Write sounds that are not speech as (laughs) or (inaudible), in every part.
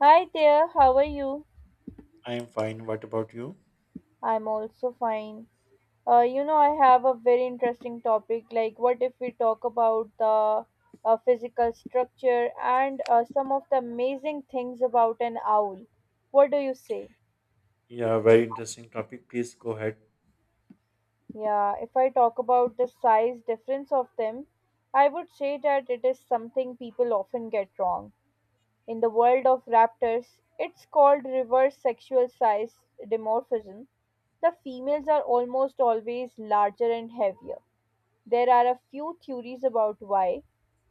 Hi there, how are you? I am fine. What about you? I'm also fine. I have a very interesting topic. Like, what if we talk about the physical structure and some of the amazing things about an owl? What do you say? Yeah, very interesting topic. Please go ahead. Yeah, if I talk about the size difference of them, I would say that it is something people often get wrong. In the world of raptors, it's called reverse sexual size dimorphism. The females are almost always larger and heavier. There are a few theories about why.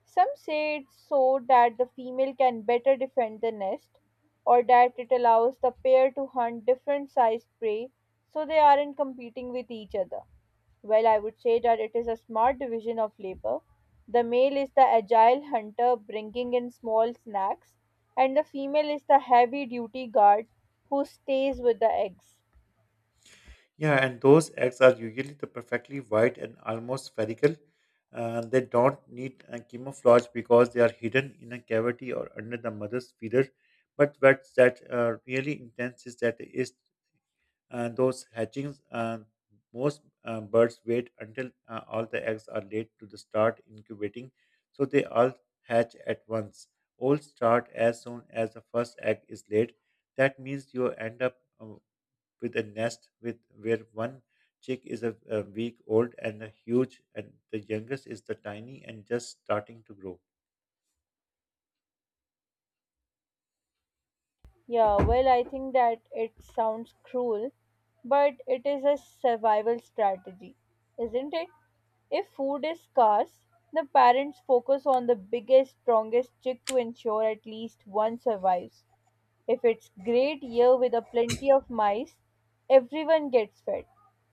Some say it's so that the female can better defend the nest, or that it allows the pair to hunt different sized prey so they aren't competing with each other. Well, I would say that it is a smart division of labor. The male is the agile hunter bringing in small snacks, and the female is the heavy duty guard who stays with the eggs. Yeah, and those eggs are usually the perfectly white and almost spherical. They don't need a camouflage because they are hidden in a cavity or under the mother's feeder. But what's that really intense is that is those hatchings, most birds wait until all the eggs are laid to the start incubating, so they all hatch at once. All start as soon as the first egg is laid. That means you end up with a nest with where one chick is a week old and a huge, and the youngest is the tiny and just starting to grow. Yeah, well, I think that it sounds cruel, but it is a survival strategy, isn't it? If food is scarce, the parents focus on the biggest, strongest chick to ensure at least one survives. If it's great year with a plenty of mice, everyone gets fed.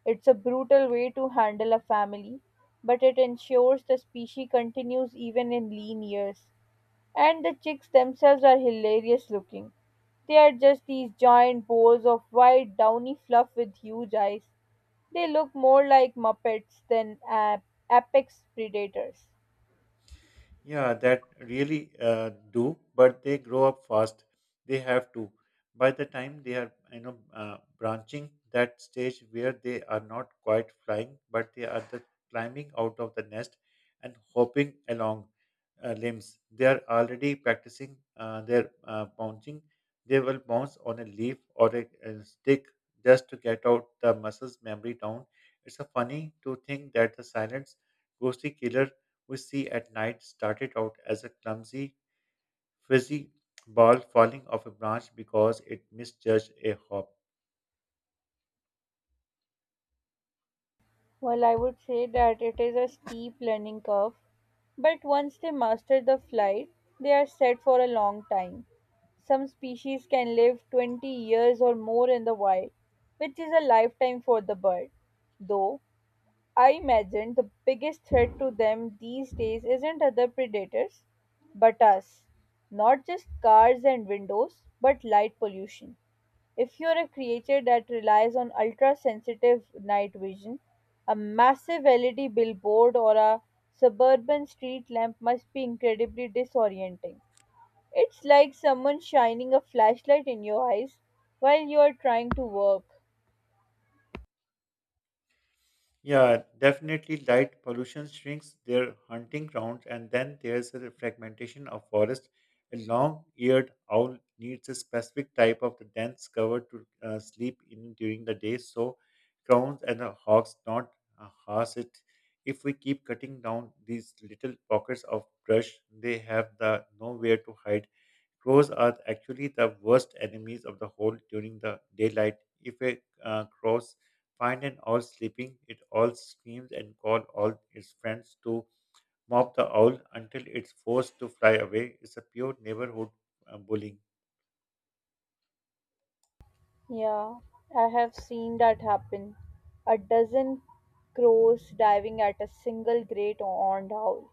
It's a brutal way to handle a family, but it ensures the species continues even in lean years. And the chicks themselves are hilarious looking. They are just these giant balls of white downy fluff with huge eyes. They look more like Muppets than apex predators. Yeah, that really do, but they grow up fast. They have to. By the time they are, you know, branching that stage where they are not quite flying, but they are the climbing out of the nest and hopping along limbs. They are already practicing their bouncing. They will bounce on a leaf or a stick just to get out the muscles memory down. It's a funny to think that the silence ghostly killer Usi at night started out as a clumsy, fizzy ball falling off a branch because it misjudged a hop. Well, I would say that it is a steep learning curve, but once they master the flight, they are set for a long time. Some species can live 20 years or more in the wild, which is a lifetime for the bird. Though I imagine the biggest threat to them these days isn't other predators, but us. Not just cars and windows, but light pollution. If you're a creature that relies on ultra sensitive night vision, a massive LED billboard or a suburban street lamp must be incredibly disorienting. It's like someone shining a flashlight in your eyes while you are trying to work. Yeah, definitely light pollution shrinks their hunting grounds, and then there's a fragmentation of forest. A long-eared owl needs a specific type of the dense cover to sleep in during the day, so crows and the hawks don't harm it. If we keep cutting down these little pockets of brush, they have the nowhere to hide. Crows are actually the worst enemies of the whole during the daylight. If a crows find an owl sleeping, it all screams and calls all its friends to mop the owl until it's forced to fly away. It's a pure neighborhood bullying. Yeah, I have seen that happen. A dozen crows diving at a single great horned owl.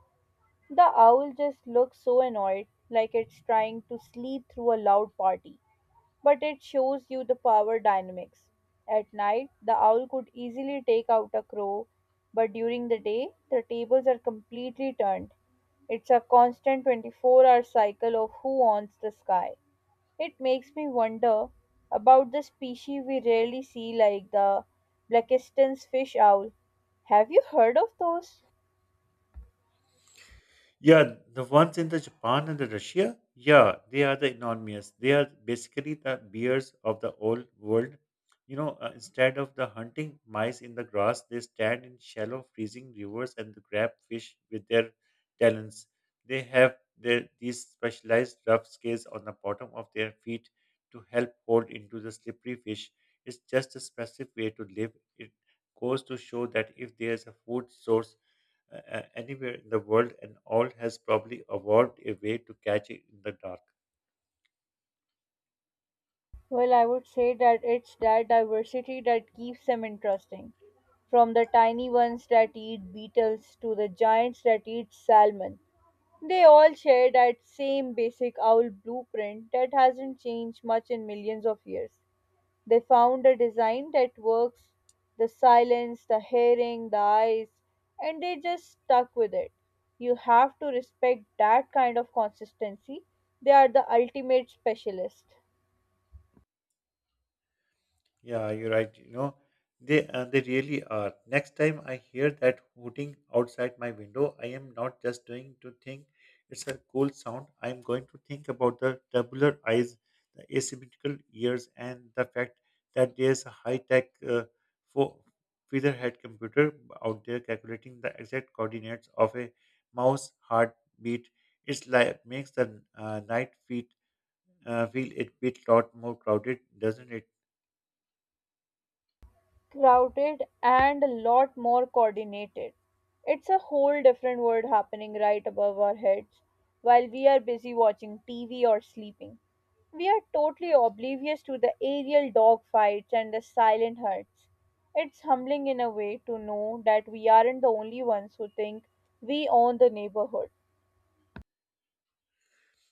The owl just looks so annoyed, like it's trying to sleep through a loud party. But it shows you the power dynamics. At night, the owl could easily take out a crow, but during the day, the tables are completely turned. It's a constant 24-hour hour cycle of who owns the sky. It makes me wonder about the species we rarely see, like the Blakiston's fish owl. Have you heard of those? Yeah, the ones in the Japan and the Russia, yeah, they are the enormous. They are basically the bears of the old world. You know, instead of the hunting mice in the grass, they stand in shallow, freezing rivers and grab fish with their talons. They have their, these specialized rough scales on the bottom of their feet to help hold into the slippery fish. It's just a specific way to live. It goes to show that if there is a food source anywhere in the world, and all has probably evolved a way to catch it in the dark. Well, I would say that it's that diversity that keeps them interesting. From the tiny ones that eat beetles to the giants that eat salmon, they all share that same basic owl blueprint that hasn't changed much in millions of years. They found a design that works the silence, the hearing, the eyes, and they just stuck with it. You have to respect that kind of consistency. They are the ultimate specialist. Yeah, you're right. You know, they really are. Next time I hear that hooting outside my window, I am not just doing to think it's a cool sound. I'm going to think about the tubular eyes, the asymmetrical ears, and the fact that there's a high-tech fo- featherhead computer out there calculating the exact coordinates of a mouse heartbeat. It's like makes the night feet feel a bit lot more crowded, doesn't it? Crowded and a lot more coordinated. It's a whole different world happening right above our heads while we are busy watching TV or sleeping. We are totally oblivious to the aerial dogfights and the silent hunts. It's humbling in a way to know that we aren't the only ones who think we own the neighborhood.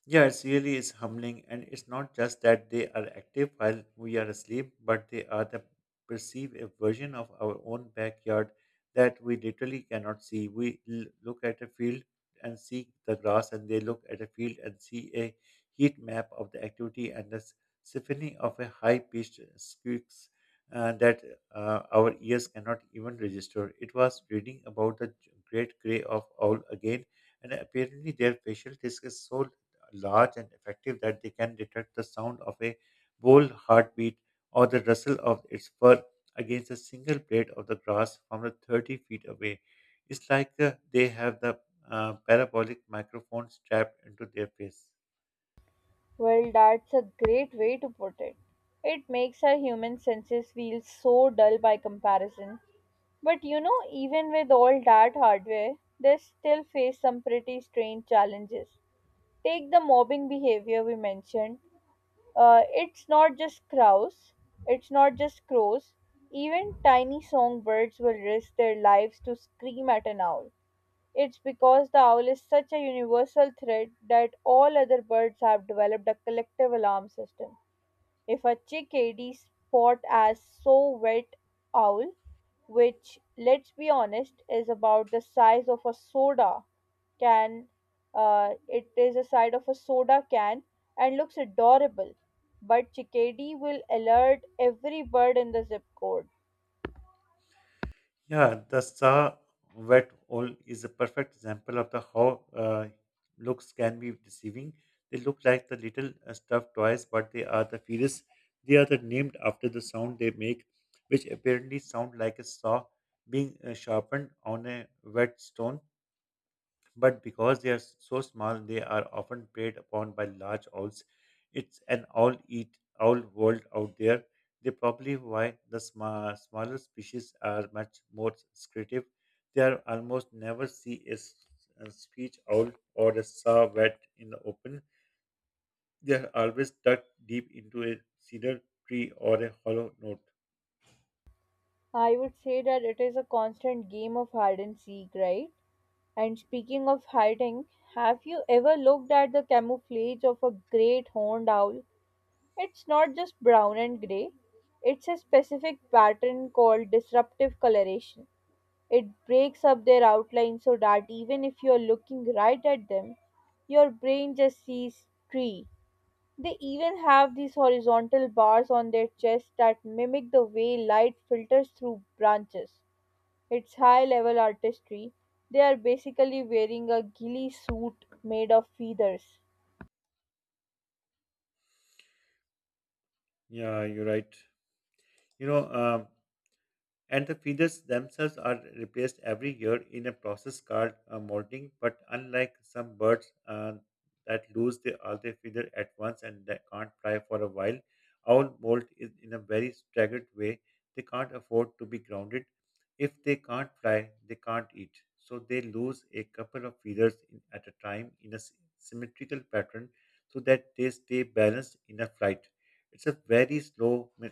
Yeah, it's really is humbling, and it's not just that they are active while we are asleep, but they are the perceive a version of our own backyard that we literally cannot see. We look at a field and see the grass, and they look at a field and see a heat map of the activity and the symphony of a high-pitched squeaks that our ears cannot even register. It was reading about the Great Grey of Owl again and apparently their facial disc is so large and effective that they can detect the sound of a bull heartbeat or the rustle of its fur against a single blade of the grass from the 30 feet away. It's like they have the parabolic microphone strapped into their face. Well, that's a great way to put it. It makes our human senses feel so dull by comparison. But you know, even with all that hardware, they still face some pretty strange challenges. Take the mobbing behavior we mentioned. Uh, it's not just crows, it's not just crows. Even tiny songbirds will risk their lives to scream at an owl. It's because the owl is such a universal threat that all other birds have developed a collective alarm system. If a chickadee spot as so wet owl, which let's be honest is about the size of a soda can, it is the size of a soda can and looks adorable, but chickadee will alert every bird in the zip code. Yeah, the saw wet owl is a perfect example of the how looks can be deceiving. They look like the little stuffed toys, but they are the fetus. They are the named after the sound they make, which apparently sound like a saw being sharpened on a wet stone but because they are so small, they are often preyed upon by large owls. It's an all eat owl world out there. They probably why the smaller species are much more secretive. They are almost never see a speech owl or a saw wet in the open. They are always tucked deep into a cedar tree or a hollow note. I would say that it is a constant game of hide and seek, right? And speaking of hiding, have you ever looked at the camouflage of a great horned owl? It's not just brown and grey, it's a specific pattern called disruptive coloration. It breaks up their outline so that even if you're looking right at them, your brain just sees tree. They even have these horizontal bars on their chest that mimic the way light filters through branches. It's high level artistry. They are basically wearing a ghillie suit made of feathers. Yeah, you're right. You know, and the feathers themselves are replaced every year in a process called molting. But unlike some birds that lose the, all their feathers at once and they can't fly for a while, owl molt is in a very staggered way. They can't afford to be grounded. If they can't fly, they can't eat. So they lose a couple of feathers in, at a time in a symmetrical pattern so that they stay balanced in a flight. It's a very slow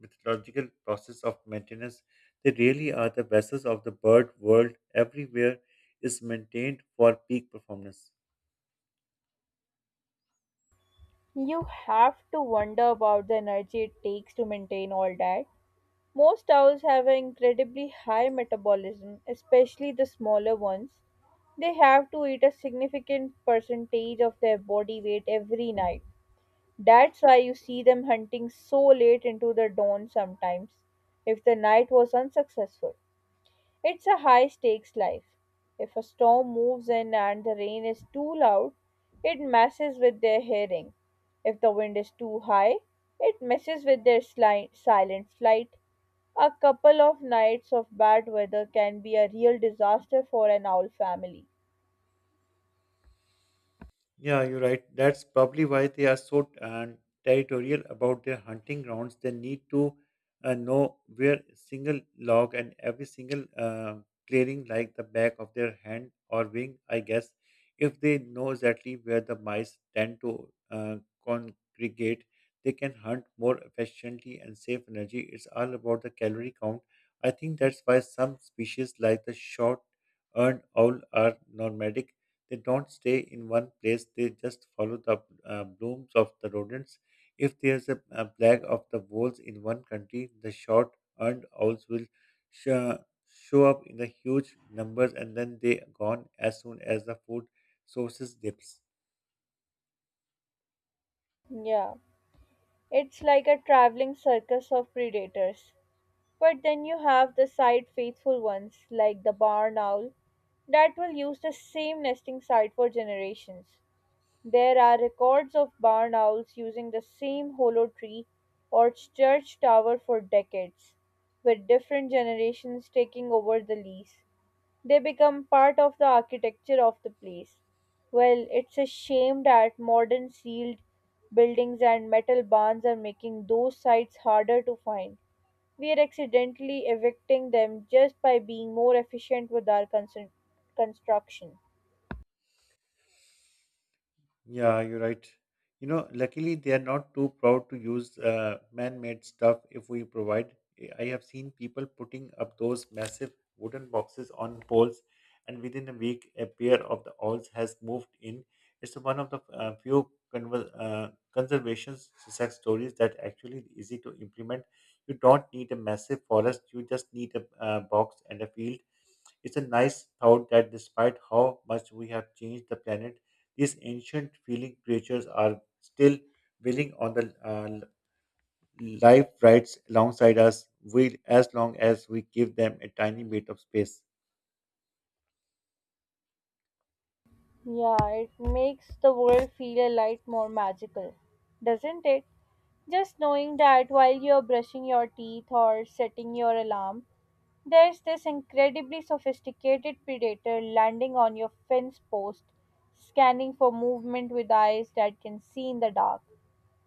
methodological process of maintenance they really are the vessels of the bird world everywhere is maintained for peak performance. You have to wonder about the energy it takes to maintain all that. Most owls have an incredibly high metabolism, especially the smaller ones. They have to eat a significant percentage of their body weight every night. That's why you see them hunting so late into the dawn sometimes, if the night was unsuccessful. It's a high stakes life. If a storm moves in and the rain is too loud, it messes with their hearing. If the wind is too high, it messes with their silent flight. A couple of nights of bad weather can be a real disaster for an owl family. Yeah, you're right. That's probably why they are so territorial about their hunting grounds. They need to know where a single log and every single clearing, like the back of their hand or wing, I guess. If they know exactly where the mice tend to congregate, they can hunt more efficiently and save energy. It's all about the calorie count. I think that's why some species, like the short earned owl, are nomadic. They don't stay in one place, they just follow the blooms of the rodents. If there's a plague of the voles in one country, the short earned owls will sh- show up in the huge numbers and then they are gone as soon as the food sources dips. Yeah, it's like a traveling circus of predators. But then you have the side faithful ones, like the barn owl, that will use the same nesting site for generations. There are records of barn owls using the same hollow tree or church tower for decades, with different generations taking over the lease. They become part of the architecture of the place. Well, it's a shame that modern sealed buildings and metal barns are making those sites harder to find. We are accidentally evicting them just by being more efficient with our construction. Yeah, you're right. You know, luckily they are not too proud to use man-made stuff if we provide. I have seen people putting up those massive wooden boxes on poles, and within a week, a pair of the owls has moved in. It's one of the few conservation success stories that actually easy to implement. You don't need a massive forest; you just need a box and a field. It's a nice thought that despite how much we have changed the planet these ancient feeling creatures are still willing on the life rights alongside us, we, as long as we give them a tiny bit of space. Yeah, it makes the world feel a light more magical, doesn't it? Just knowing that while you're brushing your teeth or setting your alarm, there's this incredibly sophisticated predator landing on your fence post, scanning for movement with eyes that can see in the dark.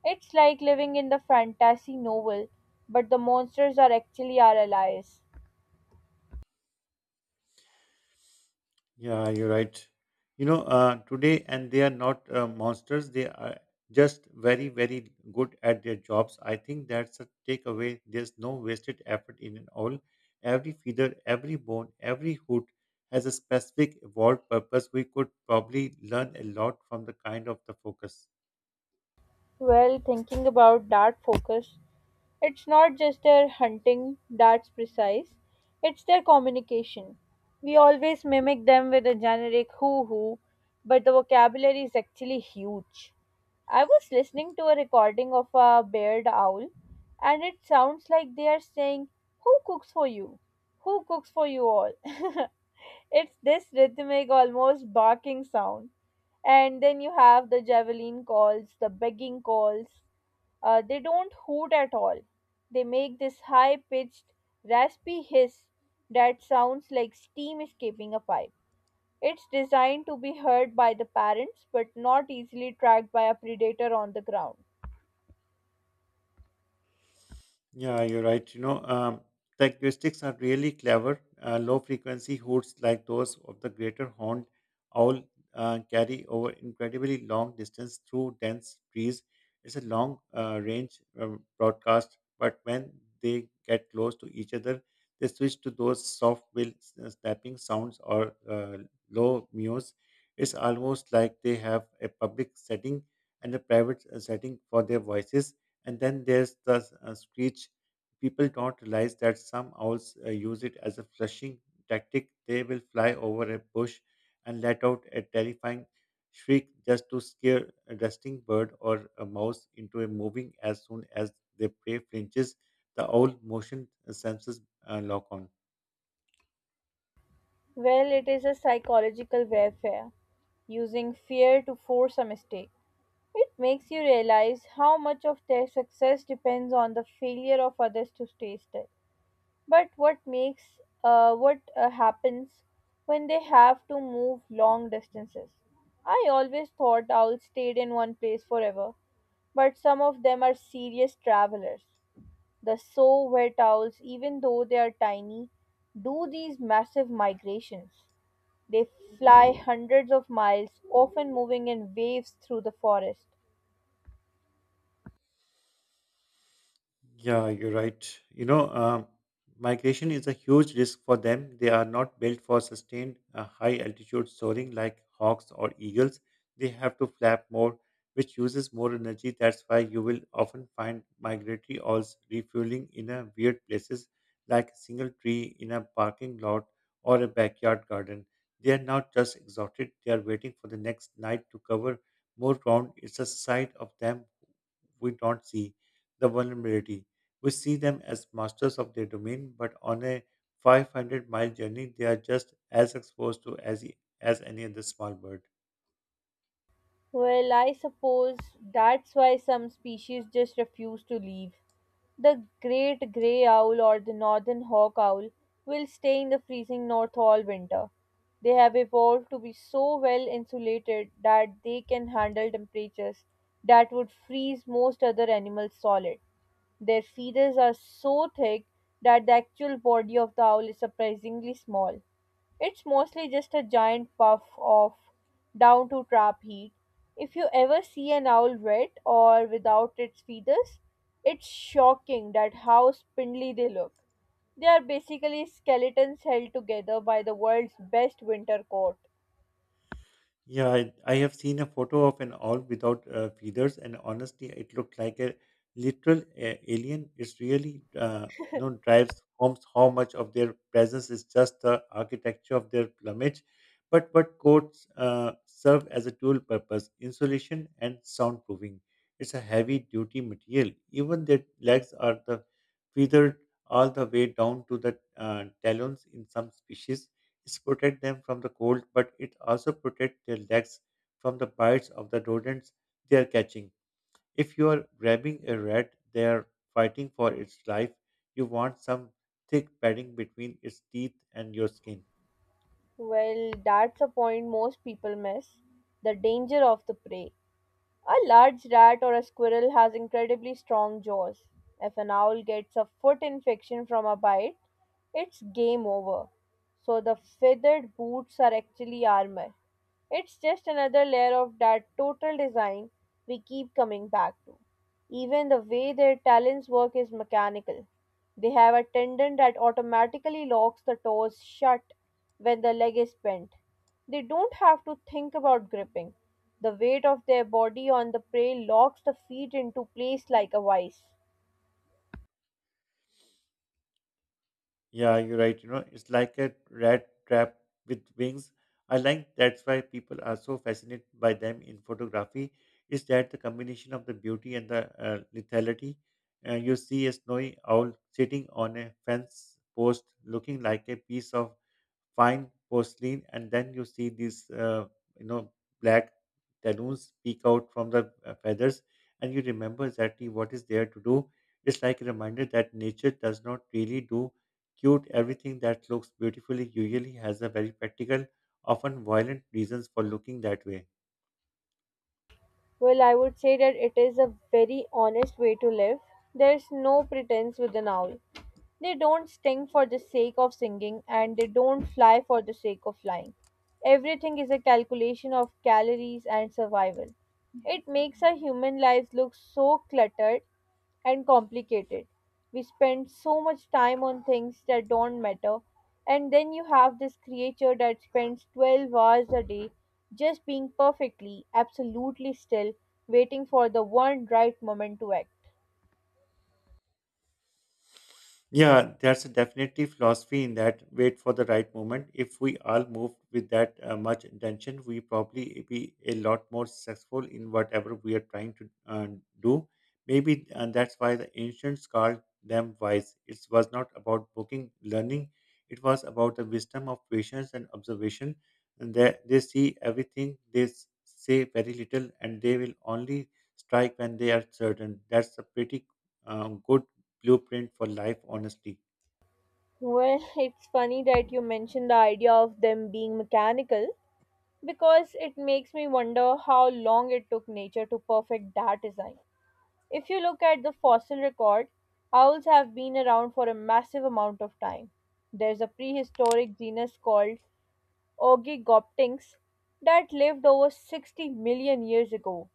It's like living in the fantasy novel, but the monsters are actually our allies. Yeah, you're right. You know, today, and they are not monsters, they are just very, very good at their jobs. I think that's a takeaway. There's no wasted effort in it all. Every feather, every bone, every hoot has a specific evolved purpose. We could probably learn a lot from the kind of the focus. Well, thinking about that focus, it's not just their hunting that's precise, it's their communication. We always mimic them with a generic hoo hoo, but the vocabulary is actually huge. I was listening to a recording of a bearded owl, and it sounds like they are saying, "Who cooks for you? Who cooks for you all?" (laughs) It's this rhythmic, almost barking sound. And then you have the javelin calls, the begging calls. They don't hoot at all. They make this high pitched, raspy hiss that sounds like steam escaping a pipe. It's designed to be heard by the parents but not easily tracked by a predator on the ground. Yeah, you're right. You know, the acoustics are really clever. Low frequency hoots like those of the greater horned owl carry over incredibly long distance through dense trees. It's a long range broadcast, but when they get close to each other, they switch to those soft bill snapping sounds or low mews. It's almost like they have a public setting and a private setting for their voices and then there's the screech. People don't realize that some owls use it as a flushing tactic. They will fly over a bush and let out a terrifying shriek just to scare a resting bird or a mouse into a moving as soon as their prey flinches. The owl motion senses lock on. Well, it is a psychological warfare, using fear to force a mistake. It makes you realize how much of their success depends on the failure of others to stay still. But what makes what happens when they have to move long distances? I always thought owls stayed in one place forever, but some of them are serious travelers. The so wet owls, even though they are tiny, do these massive migrations. They fly hundreds of miles, often moving in waves through the forest. Yeah, you're right. You know, migration is a huge risk for them. They are not built for sustained high altitude soaring like hawks or eagles. They have to flap more, which uses more energy. That's why you will often find migratory owls refueling in a weird places like a single tree in a parking lot or a backyard garden. They are not just exhausted, they are waiting for the next night to cover more ground. It's a side of them we don't see the vulnerability. We see them as masters of their domain, but on a 500-mile journey, they are just as exposed to as, e, as any other small bird. Well, I suppose that's why some species just refuse to leave. The great grey owl or the northern hawk owl will stay in the freezing north all winter. They have evolved to be so well insulated that they can handle temperatures that would freeze most other animals solid. Their feathers are so thick that the actual body of the owl is surprisingly small. It's mostly just a giant puff of down to trap heat. If you ever see an owl wet or without its feathers, it's shocking that how spindly they look. They are basically skeletons held together by the world's best winter coat. Yeah, I have seen a photo of an owl without feathers, and honestly, it looked like a literal alien. It's really, you know, drives home how much of their presence is just the architecture of their plumage, but what coats serve as a dual purpose: insulation and soundproofing. It's a heavy-duty material. Even their legs are the feathered all the way down to the talons in some species. It's protect them from the cold, but it also protect their legs from the bites of the rodents they are catching. If you are grabbing a rat, they are fighting for its life. You want some thick padding between its teeth and your skin. Well, that's a point most people miss the danger of the prey. A large rat or a squirrel has incredibly strong jaws. If an owl gets a foot infection from a bite, it's game over. So the feathered boots are actually armor. It's just another layer of that total design we keep coming back to. Even the way their talons work is mechanical. They have a tendon that automatically locks the toes shut when the leg is bent. They don't have to think about gripping. The weight of their body on the prey locks the feet into place like a vice. Yeah, you're right. It's like a rat trap with wings. I like that's why people are so fascinated by them in photography. Is that the combination of the beauty and the lethality? You see a snowy owl sitting on a fence post, looking like a piece of fine porcelain, and then you see these, you know, black talons peek out from the feathers, and you remember exactly what is there to do. It's like a reminder that nature does not really do cute, everything that looks beautifully usually has a very practical, often violent reasons for looking that way. Well, I would say that it is a very honest way to live. There's no pretense with an owl. They don't sting for the sake of singing and they don't fly for the sake of flying. Everything is a calculation of calories and survival. It makes our human lives look so cluttered and complicated. We spend so much time on things that don't matter, and then you have this creature that spends 12 hours a day just being perfectly, absolutely still, waiting for the one right moment to act. Yeah, there's a definitely philosophy in that, wait for the right moment. If we all moved with that much intention, we probably be a lot more successful in whatever we are trying to do. Maybe, and that's why the ancients called them wise. It was not about booking learning; it was about the wisdom of patience and observation. And they see everything, say very little, and they will only strike when they are certain. That's a pretty good blueprint for life, honestly. Well, (laughs) it's funny that you mentioned the idea of them being mechanical because it makes me wonder how long it took nature to perfect that design. If you look at the fossil record, owls have been around for a massive amount of time. There's a prehistoric genus called Oogygopteryx that lived over 60 million years ago,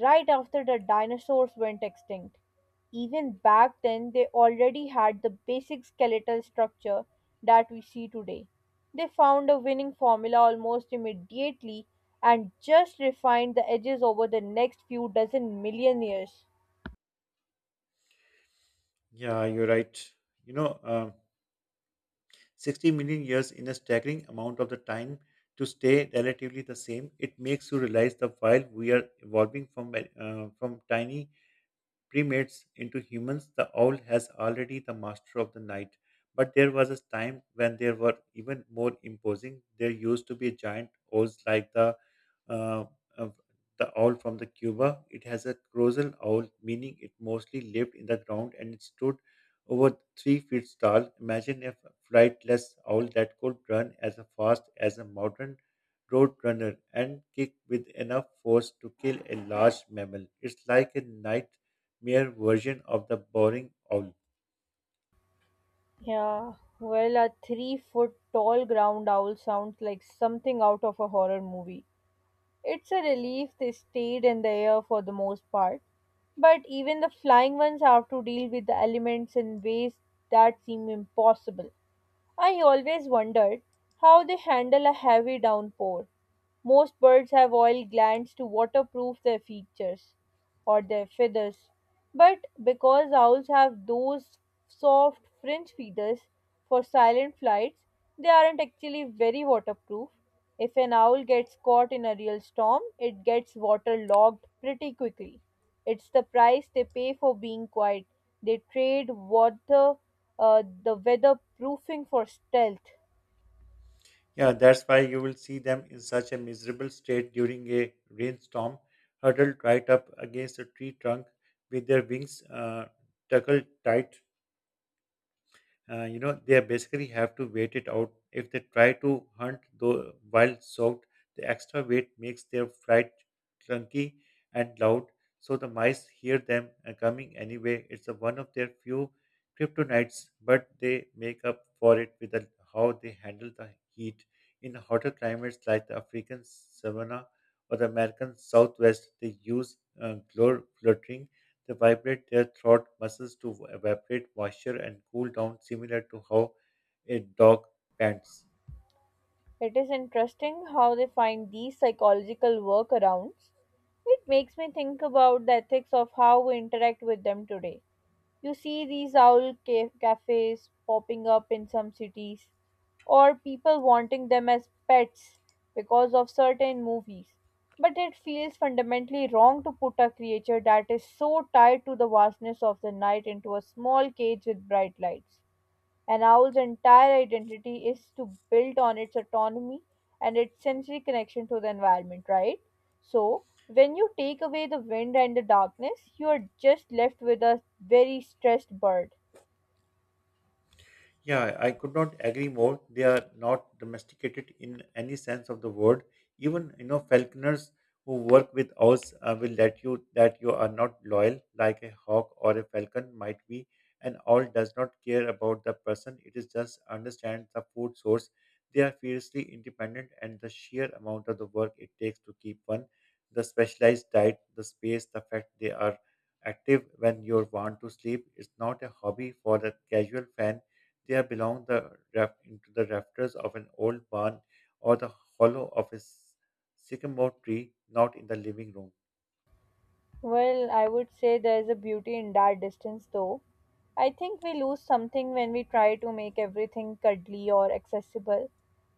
right after the dinosaurs went extinct. Even back then, they already had the basic skeletal structure that we see today. They found a winning formula almost immediately and just refined the edges over the next few dozen million years. Yeah, you're right. You know, uh, 60 million years in a staggering amount of the time to stay relatively the same, it makes you realize the while we are evolving from, from tiny primates into humans, the owl has already the master of the night. But there was a time when they were even more imposing. There used to be giant owls like uh, uh, the owl from the Cuba. It has a colossal owl, meaning it mostly lived in the ground and it stood over 3 feet tall. Imagine a flightless owl that could run as fast as a modern road runner and kick with enough force to kill a large mammal. It's like a night mere version of the boring owl. Yeah, well, a 3 foot tall ground owl sounds like something out of a horror movie. It's a relief they stayed in the air for the most part. But even the flying ones have to deal with the elements in ways that seem impossible. I always wondered how they handle a heavy downpour. Most birds have oil glands to waterproof their features or their feathers. But because owls have those soft fringe feathers for silent flights, they aren't actually very waterproof. If an owl gets caught in a real storm, it gets waterlogged pretty quickly. It's the price they pay for being quiet. They trade water, the weather proofing for stealth. Yeah, that's why you will see them in such a miserable state during a rainstorm, huddled right up against a tree trunk with their wings tucked tight. You know, they basically have to wait it out. If they try to hunt though while soaked, the extra weight makes their fright clunky and loud, so the mice hear them coming anyway. It's one of their few kryptonites, but they make up for it with the, how they handle the heat in hotter climates like the african savanna or the american southwest. They use fluttering, they vibrate their throat muscles to evaporate moisture and cool down, similar to how a dog pants. It is interesting how they find these psychological workarounds. It makes me think about the ethics of how we interact with them today. You see these cafes popping up in some cities, or people wanting them as pets because of certain movies. But it feels fundamentally wrong to put a creature that is so tied to the vastness of the night into a small cage with bright lights. An owl's entire identity is to build on its autonomy and its sensory connection to the environment, right? So, when you take away the wind and the darkness, you are just left with a very stressed bird. Yeah, I could not agree more. They are not domesticated in any sense of the word. Even you know falconers who work with owls will let you that you are not loyal, like a hawk or a falcon might be. An owl does not care about the person; it is just understands the food source. They are fiercely independent, and the sheer amount of the work it takes to keep one, the specialized diet, the space, the fact they are active when you want to sleep is not a hobby for the casual fan. There belong the raft into the rafters of an old barn, or the hollow of a sycamore tree, not in the living room. Well, I would say there is a beauty in that distance, though. I think we lose something when we try to make everything cuddly or accessible.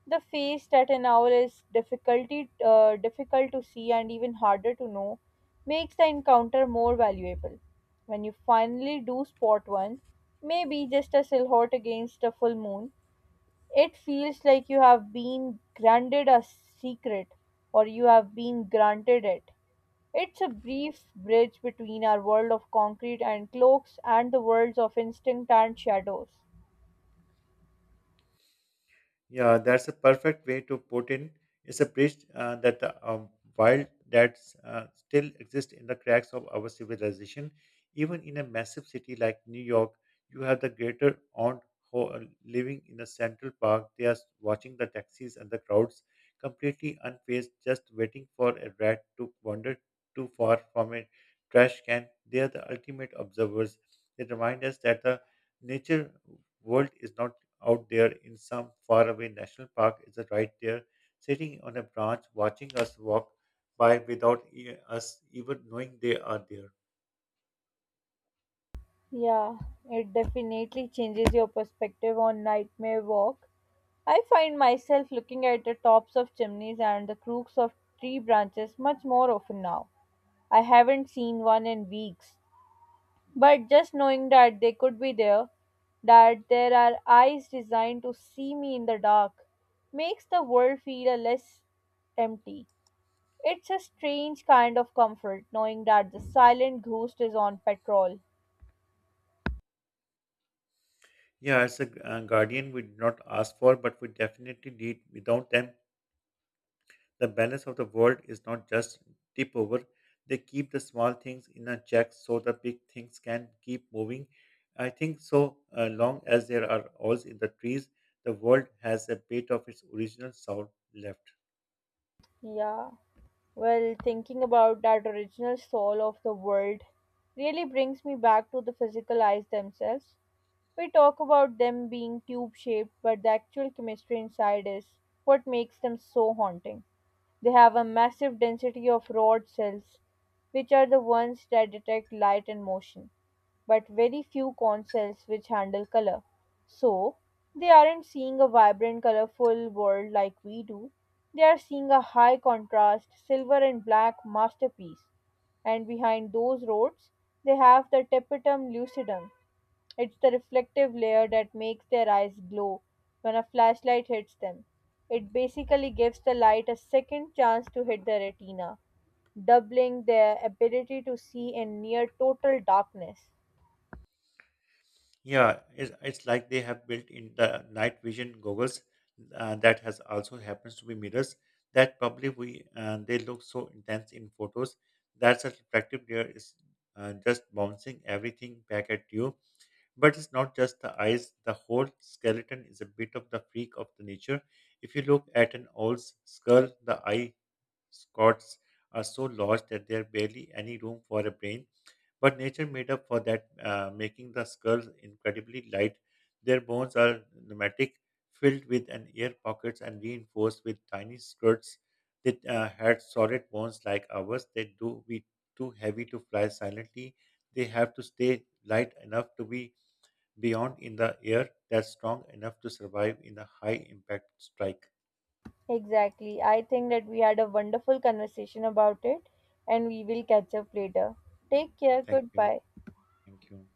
The face that an owl is difficult to see and even harder to know makes the encounter more valuable. When you finally do spot one, maybe just a silhouette against a full moon, it feels like you have been granted a secret or you have been granted it. It's a brief bridge between our world of concrete and cloaks and the worlds of instinct and shadows. Yeah, that's a perfect way to put in. It's a bridge that the wild that still exists in the cracks of our civilization. Even in a massive city like New York, you have the greater aunt who are living in a central park. They are watching the taxis and the crowds, completely unfazed, just waiting for a rat to wander too far from a trash can. They are the ultimate observers. They remind us that the nature world is not out there in some faraway national park, is right there, sitting on a branch, watching us walk by without us even knowing they are there. Yeah, it definitely changes your perspective on Nightmare Walk. I find myself looking at the tops of chimneys and the crooks of tree branches much more often now. I haven't seen one in weeks, but just knowing that they could be there, that there are eyes designed to see me in the dark, makes the world feel a less empty. It's a strange kind of comfort knowing that the silent ghost is on patrol. Yeah, as a guardian, we did not ask for, but we definitely need. Without them, the balance of the world is not just tip over. They keep the small things in a check so the big things can keep moving. I think so long as there are owls in the trees, the world has a bit of its original sound left. Yeah, well, thinking about that original soul of the world really brings me back to the physical eyes themselves. We talk about them being tube shaped, but the actual chemistry inside is what makes them so haunting. They have a massive density of rod cells, which are the ones that detect light and motion, but very few cone cells which handle color. So, they aren't seeing a vibrant, colorful world like we do. They are seeing a high contrast, silver and black masterpiece. And behind those roads, they have the tapetum lucidum, it's the reflective layer that makes their eyes glow when a flashlight hits them. It basically gives the light a second chance to hit the retina, doubling their ability to see in near total darkness. Yeah, it's like they have built in the night vision goggles that has also happens to be mirrors that probably we they look so intense in photos, that such reflective layer is just bouncing everything back at you. But it's not just the eyes; the whole skeleton is a bit of the freak of the nature. If you look at an old skull, the eye scores are so large that there are barely any room for a brain, but nature made up for that, making the skulls incredibly light. Their bones are pneumatic, filled with an air pockets and reinforced with tiny skirts that had solid bones like ours. They do be too heavy to fly silently. They have to stay light enough to be beyond in the air that's strong enough to survive in a high impact strike. Exactly. I think that we had a wonderful conversation about it and we will catch up later. Take Yeah, care. thank you. Goodbye. Thank you.